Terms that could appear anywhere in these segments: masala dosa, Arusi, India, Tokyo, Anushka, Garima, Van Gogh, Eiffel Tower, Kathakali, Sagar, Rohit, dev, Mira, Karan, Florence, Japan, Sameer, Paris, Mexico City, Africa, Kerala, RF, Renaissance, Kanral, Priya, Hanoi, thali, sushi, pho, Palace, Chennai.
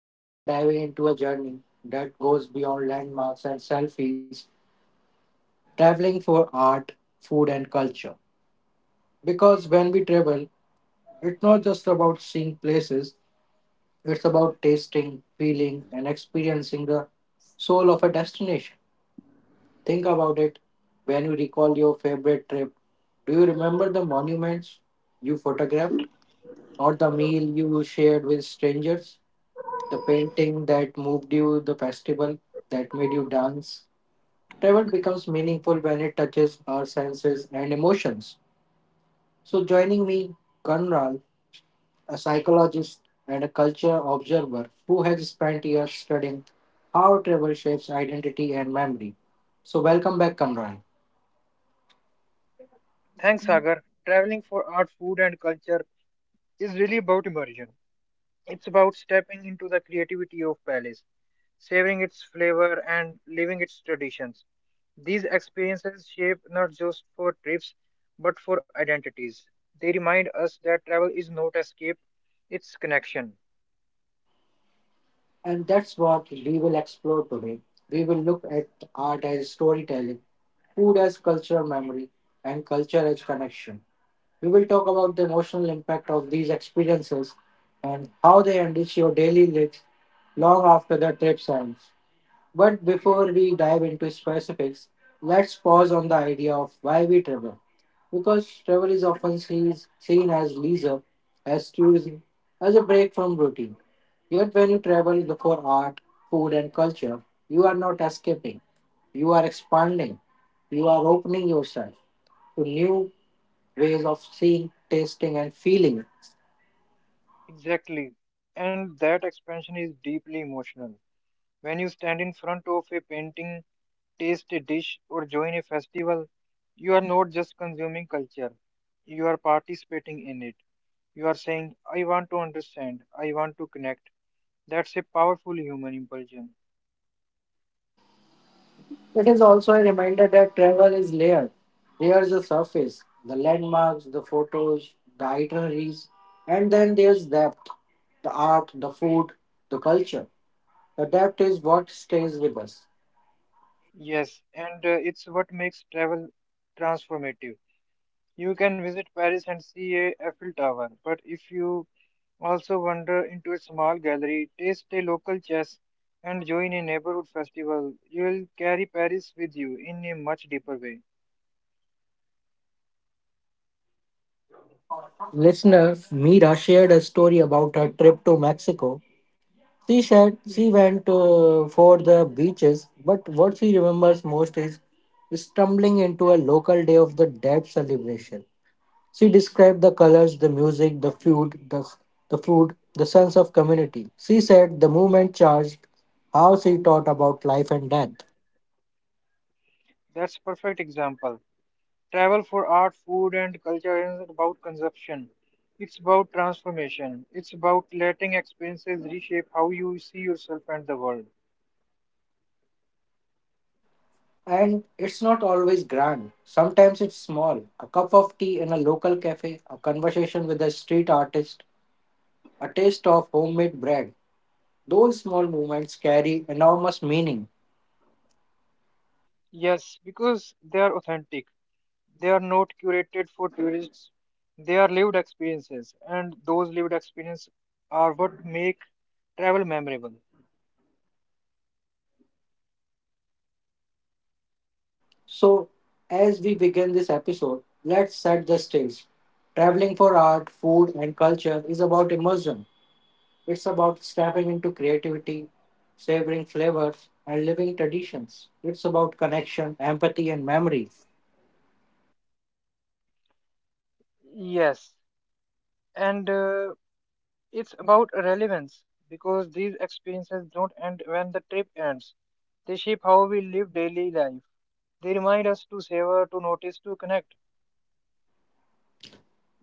Today we are diving into a journey that goes beyond landmarks and selfies, traveling for art, food, and culture. Because when we travel, it's not just about seeing places, it's about tasting, feeling, and experiencing the soul of a destination. Think about it. When you recall your favorite trip, do you remember the monuments you photographed or the meal you shared with strangers? The painting that moved you, the festival that made you dance. Travel becomes meaningful when it touches our senses and emotions. So joining me, Kanral, a psychologist and a culture observer who has spent years studying how travel shapes identity and memory. So welcome back, Kanral. Thanks, Sagar. Traveling for art, food, and culture is really about immersion. It's about stepping into the creativity of Palace, savoring its flavor, and living its traditions. These experiences shape not just for trips, but for identities. They remind us that travel is not escape, it's connection. And that's what we will explore today. We will look at art as storytelling, food as cultural memory, and culture as connection. We will talk about the emotional impact of these experiences and how they enrich your daily lives long after the trip ends. But before we dive into specifics, let's pause on the idea of why we travel. Because travel is often seen as leisure, as tourism, as a break from routine. Yet when you travel for art, food, and culture, you are not escaping, you are expanding, you are opening yourself to new ways of seeing, tasting, and feeling. Exactly. And that expansion is deeply emotional. When you stand in front of a painting taste a dish, or join a festival, you are not just consuming culture, you are participating in it. You are saying, I want to understand, I want to connect. That's a powerful human impulsion. It is also a reminder that travel is layered. There's the surface, the landmarks, the photos, the itineraries, and then there's depth, the art, the food, the culture. The depth is what stays with us. Yes, and it's what makes travel transformative. You can visit Paris and see a Eiffel Tower, but if you also wander into a small gallery, taste a local chess, and join a neighborhood festival, you will carry Paris with you in a much deeper way. Listener Mira shared a story about her trip to Mexico. She said she went for the beaches, but what she remembers most is stumbling into a local Day of the Dead celebration. She described the colors, the music, the food, the sense of community. She said the movement charged how she thought about life and death. That's perfect example. Travel for art, food, and culture isn't about consumption. It's about transformation. It's about letting experiences reshape how you see yourself and the world. And it's not always grand. Sometimes it's small. A cup of tea in a local cafe, a conversation with a street artist, a taste of homemade bread. Those small moments carry enormous meaning. Yes, because they are authentic. They are not curated for tourists. They are lived experiences, and those lived experiences are what make travel memorable. So as we begin this episode, let's set the stage. Traveling for art, food, and culture is about immersion. It's about stepping into creativity, savoring flavors, and living traditions. It's about connection, empathy, and memory. Yes, and it's about relevance because these experiences don't end when the trip ends. They shape how we live daily life. They remind us to savor, to notice, to connect.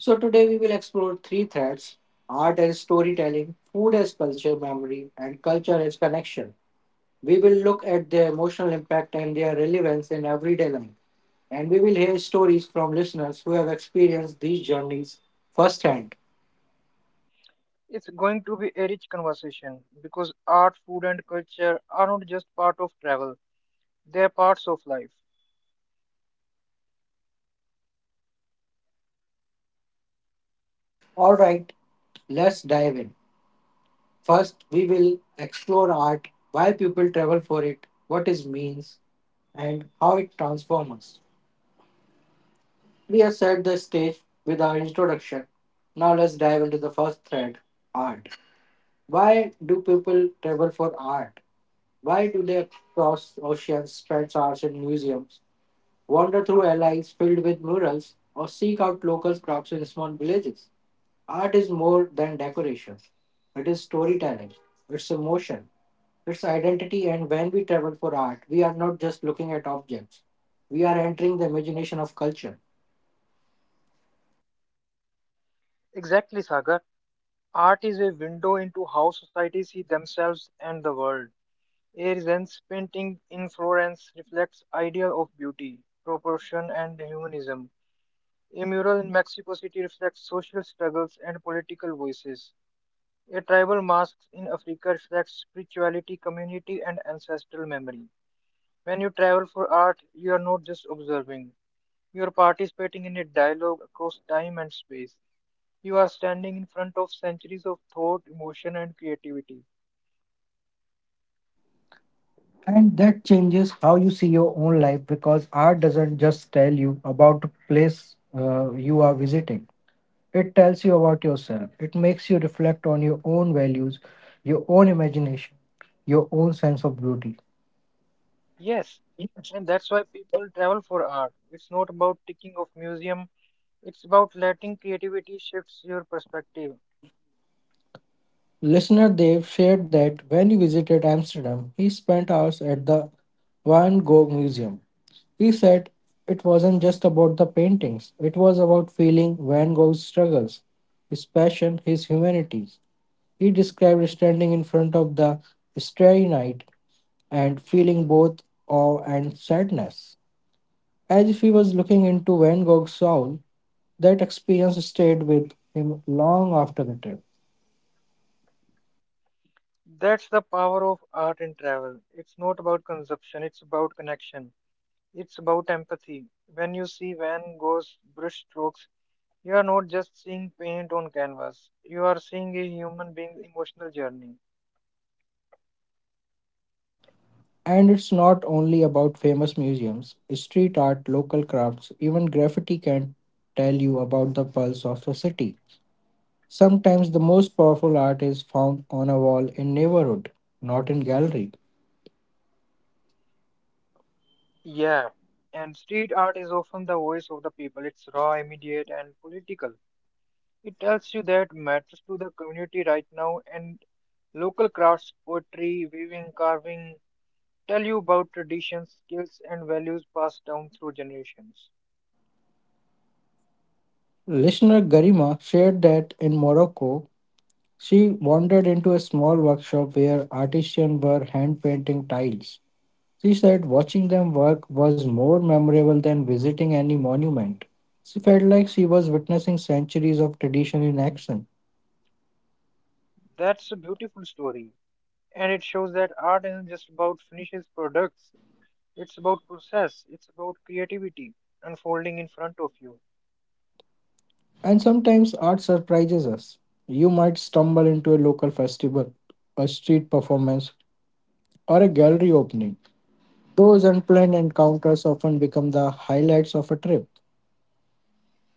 So today we will explore three threads: art as storytelling, food as culture memory, and culture as connection. We will look at their emotional impact and their relevance in everyday life. And we will hear stories from listeners who have experienced these journeys firsthand. It's going to be a rich conversation because art, food, and culture are not just part of travel, they are parts of life. All right, let's dive in. First, we will explore art, why people travel for it, what it means, and how it transforms us. We have set the stage with our introduction. Now let's dive into the first thread, art. Why do people travel for art? Why do they cross oceans, spend hours in museums, wander through alleys filled with murals, or seek out local crafts in small villages? Art is more than decoration, it is storytelling, it's emotion, it's identity. And when we travel for art, we are not just looking at objects, we are entering the imagination of culture. Exactly, Sagar. Art is a window into how societies see themselves and the world. A Renaissance painting in Florence reflects ideal of beauty, proportion, and humanism. A mural in Mexico City reflects social struggles and political voices. A tribal mask in Africa reflects spirituality, community, and ancestral memory. When you travel for art, you are not just observing. You are participating in a dialogue across time and space. You are standing in front of centuries of thought, emotion, and creativity. And that changes how you see your own life, because art doesn't just tell you about the place you are visiting, it tells you about yourself. It makes you reflect on your own values, your own imagination, your own sense of beauty. Yes, and that's why people travel for art. It's not about ticking off museum. It's about letting creativity shifts your perspective. Listener Dev shared that when he visited Amsterdam, he spent hours at the Van Gogh Museum. He said it wasn't just about the paintings, it was about feeling Van Gogh's struggles, his passion, his humanities. He described standing in front of The Starry Night and feeling both awe and sadness, as if he was looking into Van Gogh's soul. That experience stayed with him long after the trip. That's the power of art and travel. It's not about consumption. It's about connection. It's about empathy. When you see Van Gogh's brushstrokes, you are not just seeing paint on canvas, you are seeing a human being's emotional journey. And it's not only about famous museums. Street art, local crafts, even graffiti can tell you about the pulse of a city. Sometimes the most powerful art is found on a wall in neighborhood, not in gallery. Yeah, and street art is often the voice of the people. It's raw, immediate, and political. It tells you that matters to the community right now, and local crafts, poetry, weaving, carving, tell you about traditions, skills, and values passed down through generations. Listener Garima shared that in Morocco, she wandered into a small workshop where artisans were hand painting tiles. She said watching them work was more memorable than visiting any monument. She felt like she was witnessing centuries of tradition in action. That's a beautiful story, and it shows that art isn't just about finishes products. It's about process. It's about creativity unfolding in front of you. And sometimes art surprises us. You might stumble into a local festival, a street performance, or a gallery opening. Those unplanned encounters often become the highlights of a trip.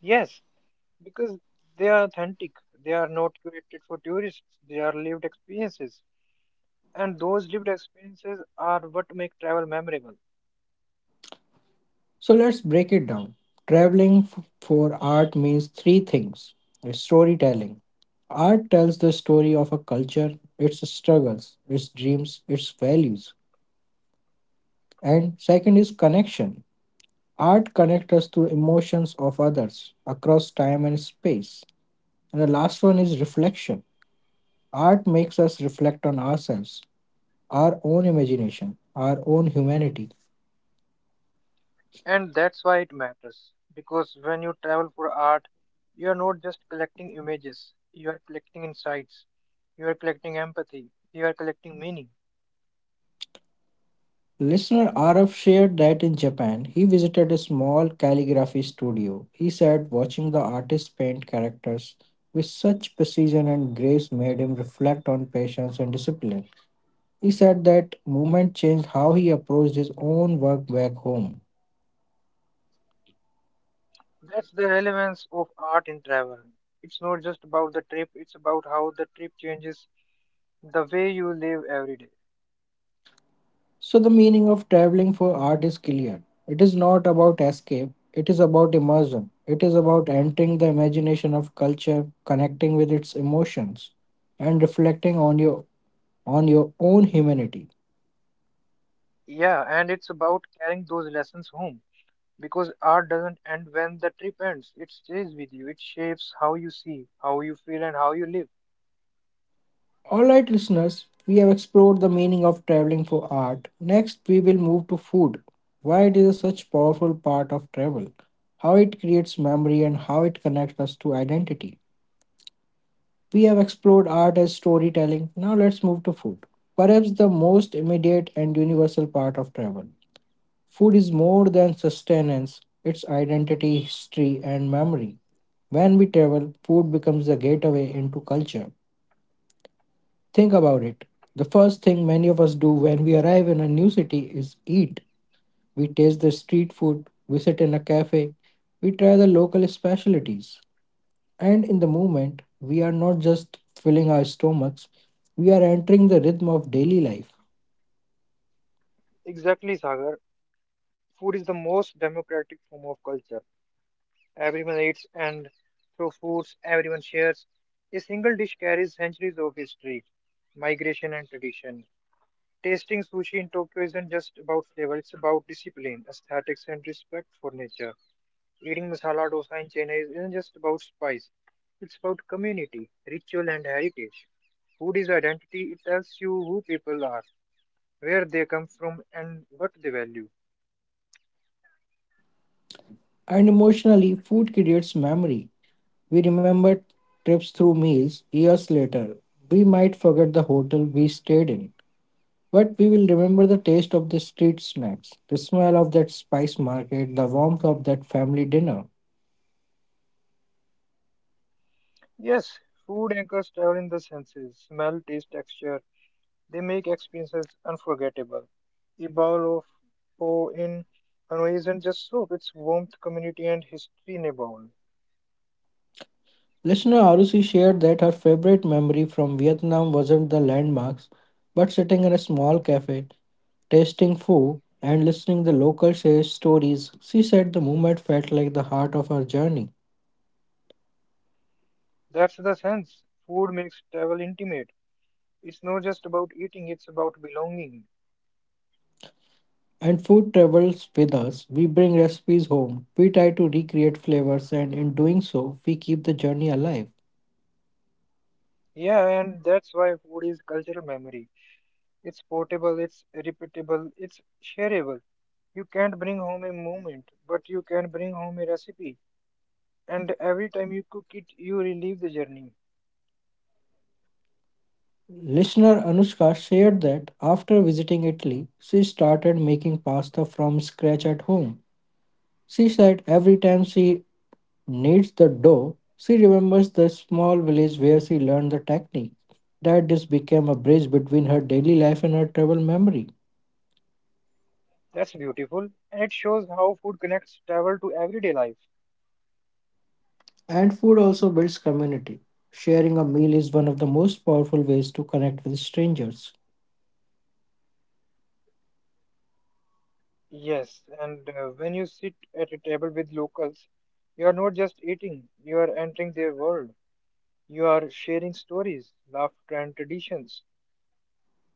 Yes, because they are authentic. They are not curated for tourists. They are lived experiences, and those lived experiences are what make travel memorable. So let's break it down. Traveling for art means three things. Storytelling: art tells the story of a culture, its struggles, its dreams, its values. And second is connection: art connects us to emotions of others across time and space. And the last one is reflection: art makes us reflect on ourselves, our own imagination, our own humanity. And that's why it matters, because when you travel for art, you are not just collecting images. You are collecting insights. You are collecting empathy. You are collecting meaning. Listener RF shared that in Japan, he visited a small calligraphy studio. He said watching the artist paint characters with such precision and grace made him reflect on patience and discipline. He said that movement changed how he approached his own work back home. That's the relevance of art in travel. It's not just about the trip, it's about how the trip changes the way you live every day. So the meaning of traveling for art is clear. It is not about escape, it is about immersion. It is about entering the imagination of culture, connecting with its emotions, and reflecting on your own humanity. Yeah, and it's about carrying those lessons home because art doesn't end when the trip ends. It stays with you, it shapes how you see, how you feel, and how you live. Alright, listeners, we have explored the meaning of traveling for art. Next, we will move to food, why it is such powerful part of travel, how it creates memory, and how it connects us to identity. We have explored art as storytelling. Now let's move to food, perhaps the most immediate and universal part of travel. Food is more than sustenance, it's identity, history, and memory. When we travel, food becomes the gateway into culture. Think about it. The first thing many of us do when we arrive in a new city is eat. We taste the street food, we sit in a cafe, we try the local specialties. And in the moment, we are not just filling our stomachs, we are entering the rhythm of daily life. Exactly, Sagar. Food is the most democratic form of culture. Everyone eats, and through foods, everyone shares. A single dish carries centuries of history, migration, and tradition. Tasting sushi in Tokyo isn't just about flavor, it's about discipline, aesthetics, and respect for nature. Eating masala dosa in Chennai isn't just about spice, it's about community, ritual, and heritage. Food is identity, it tells you who people are, where they come from, and what they value. And emotionally, food creates memory. We remember trips through meals years later. We might forget the hotel we stayed in, but we will remember the taste of the street snacks, the smell of that spice market, the warmth of that family dinner. Yes, food anchors travel in the senses smell, taste, texture. They make experiences unforgettable. A bowl of pho in Hanoi isn't just soup, it's warmth, community, and history in a bowl. Listener Arusi shared that her favorite memory from Vietnam wasn't the landmarks, but sitting in a small cafe, tasting pho, and listening the locals' share stories. She said the moment felt like the heart of her journey. That's the sense. Food makes travel intimate. It's not just about eating, it's about belonging. And food travels with us. We bring recipes home, we try to recreate flavors, and in doing so, we keep the journey alive. Yeah, and that's why food is cultural memory. It's portable, it's repeatable, it's shareable. You can't bring home a moment, but you can bring home a recipe. And every time you cook it, you relive the journey. Listener Anushka shared that after visiting Italy, she started making pasta from scratch at home. She said every time she kneads the dough, she remembers the small village where she learned the technique. That this became a bridge between her daily life and her travel memory. That's beautiful. And it shows how food connects travel to everyday life. And food also builds community. Sharing a meal is one of the most powerful ways to connect with strangers. Yes, and when you sit at a table with locals, you are not just eating, you are entering their world. You are sharing stories, laughter, and traditions.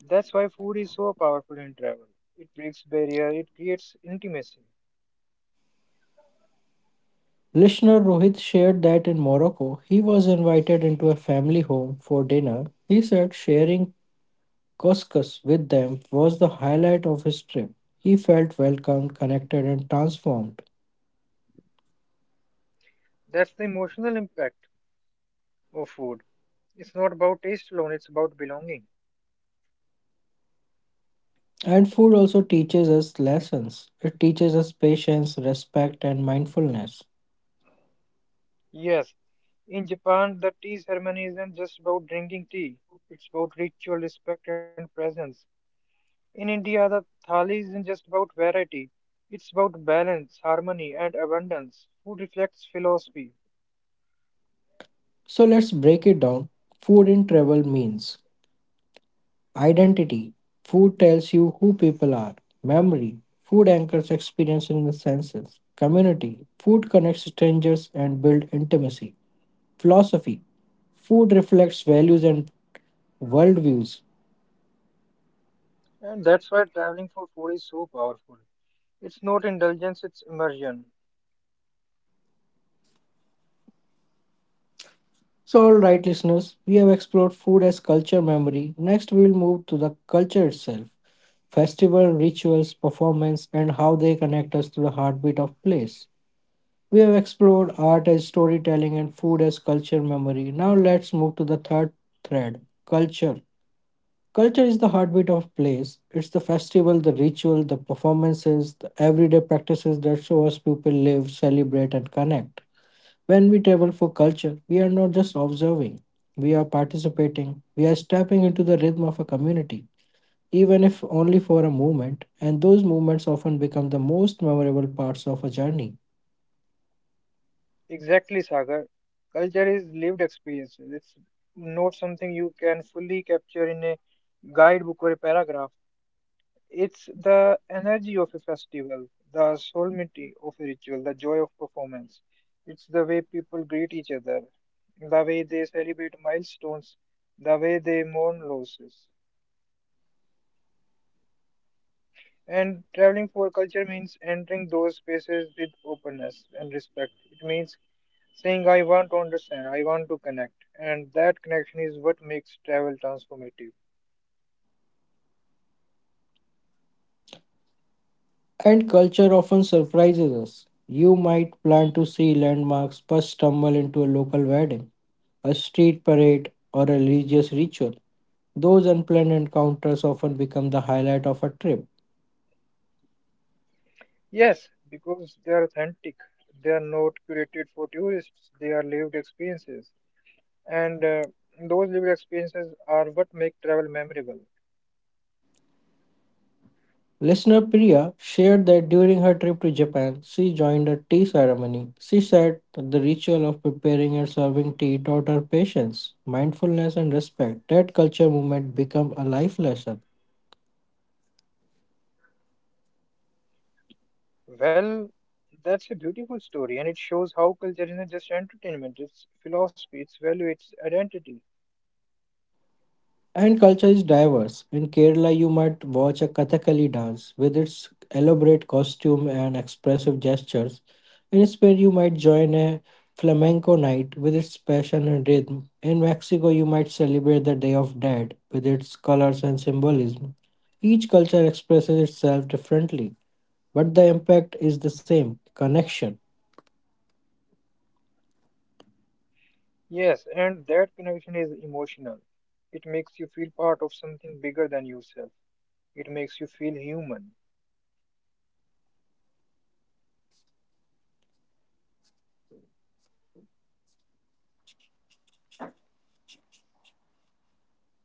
That's why food is so powerful in travel. It breaks barrier, it creates intimacy. Listener Rohit shared that in Morocco, he was invited into a family home for dinner. He said sharing Koskas with them was the highlight of his trip. He felt welcomed, connected, and transformed. That's the emotional impact of food. It's not about taste alone, it's about belonging. And food also teaches us lessons. It teaches us patience, respect, and mindfulness. Yes, in Japan, the tea ceremony isn't just about drinking tea. It's about ritual, respect, and presence. In India, the thali isn't just about variety. It's about balance, harmony, and abundance. Food reflects philosophy. So let's break it down. Food in travel means identity: food tells you who people are. Memory: food anchors experience in the senses. Community: food connects strangers and builds intimacy. Philosophy: food reflects values and worldviews. And that's why traveling for food is so powerful. It's not indulgence, it's immersion. So all right, listeners, we have explored food as culture memory. Next, we will move to the culture itself, festival, rituals, performance, and how they connect us to the heartbeat of place. We have explored art as storytelling and food as culture memory. Now let's move to the third thread, culture. Culture is the heartbeat of place. It's the festival, the ritual, the performances, the everyday practices that show us people live, celebrate, and connect. When we travel for culture, we are not just observing, we are participating, we are stepping into the rhythm of a community, even if only for a moment, and those moments often become the most memorable parts of a journey. Exactly, Sagar. Culture is lived experience. It's not something you can fully capture in a guidebook or a paragraph. It's the energy of a festival, the solemnity of a ritual, the joy of performance. It's the way people greet each other, the way they celebrate milestones, the way they mourn losses. And traveling for culture means entering those spaces with openness and respect. It means saying, I want to understand, I want to connect. And that connection is what makes travel transformative. And culture often surprises us. You might plan to see landmarks but stumble into a local wedding, a street parade, or a religious ritual. Those unplanned encounters often become the highlight of a trip. Yes, because they are authentic, they are not curated for tourists, they are lived experiences. And those lived experiences are what make travel memorable. Listener Priya shared that during her trip to Japan, she joined a tea ceremony. She said that the ritual of preparing and serving tea taught her patience, mindfulness, and respect. That culture movement became a life lesson. Well, that's a beautiful story, and it shows how culture isn't just entertainment, it's philosophy, it's value, it's identity. And culture is diverse. In Kerala, you might watch a Kathakali dance with its elaborate costume and expressive gestures. In Spain, you might join a flamenco night with its passion and rhythm. In Mexico, you might celebrate the Day of Dead with its colors and symbolism. Each culture expresses itself differently, but the impact is the same: connection. Yes, and that connection is emotional. It makes you feel part of something bigger than yourself. It makes you feel human.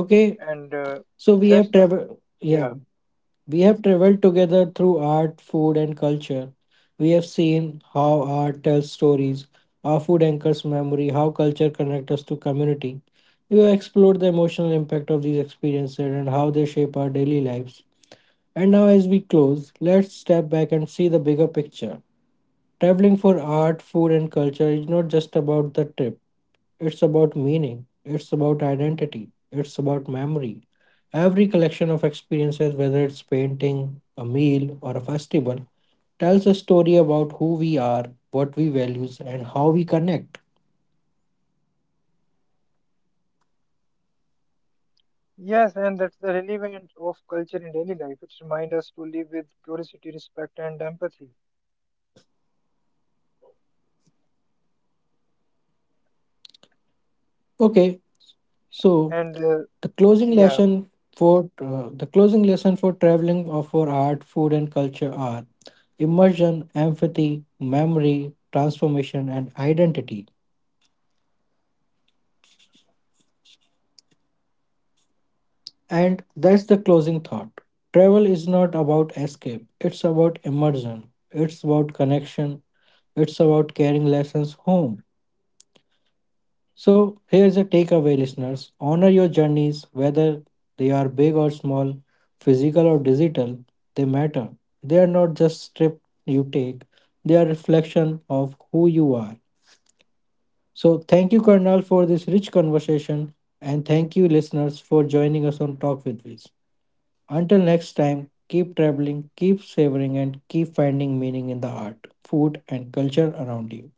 Okay, And so we that's have the traveled. Yeah, Yeah. We have traveled together through art, food, and culture. We have seen how art tells stories, how food anchors memory, how culture connects us to community. We have explored the emotional impact of these experiences and how they shape our daily lives. And now, as we close, let's step back and see the bigger picture. Traveling for art, food, and culture is not just about the trip. It's about meaning, it's about identity, it's about memory. Every collection of experiences, whether it's painting, a meal, or a festival, tells a story about who we are, what we value, and how we connect. yes, and that's the relevance of culture in daily life. It reminds us to live with curiosity, respect, and empathy. Okay, so and uh, the closing yeah lesson for the closing lesson for traveling of for art, food, and culture are immersion, empathy, memory, transformation, and identity. And that's the closing thought. Travel is not about escape, it's about immersion, it's about connection, it's about carrying lessons home. So here's a takeaway, listeners, honor your journeys, whether they are big or small, physical or digital, they matter. They are not just trip you take, they are reflection of who you are. So thank you, Karnal, for this rich conversation, and thank you, listeners, for joining us on Talk with Viz. Until next time, keep traveling, keep savoring, and keep finding meaning in the art, food, and culture around you.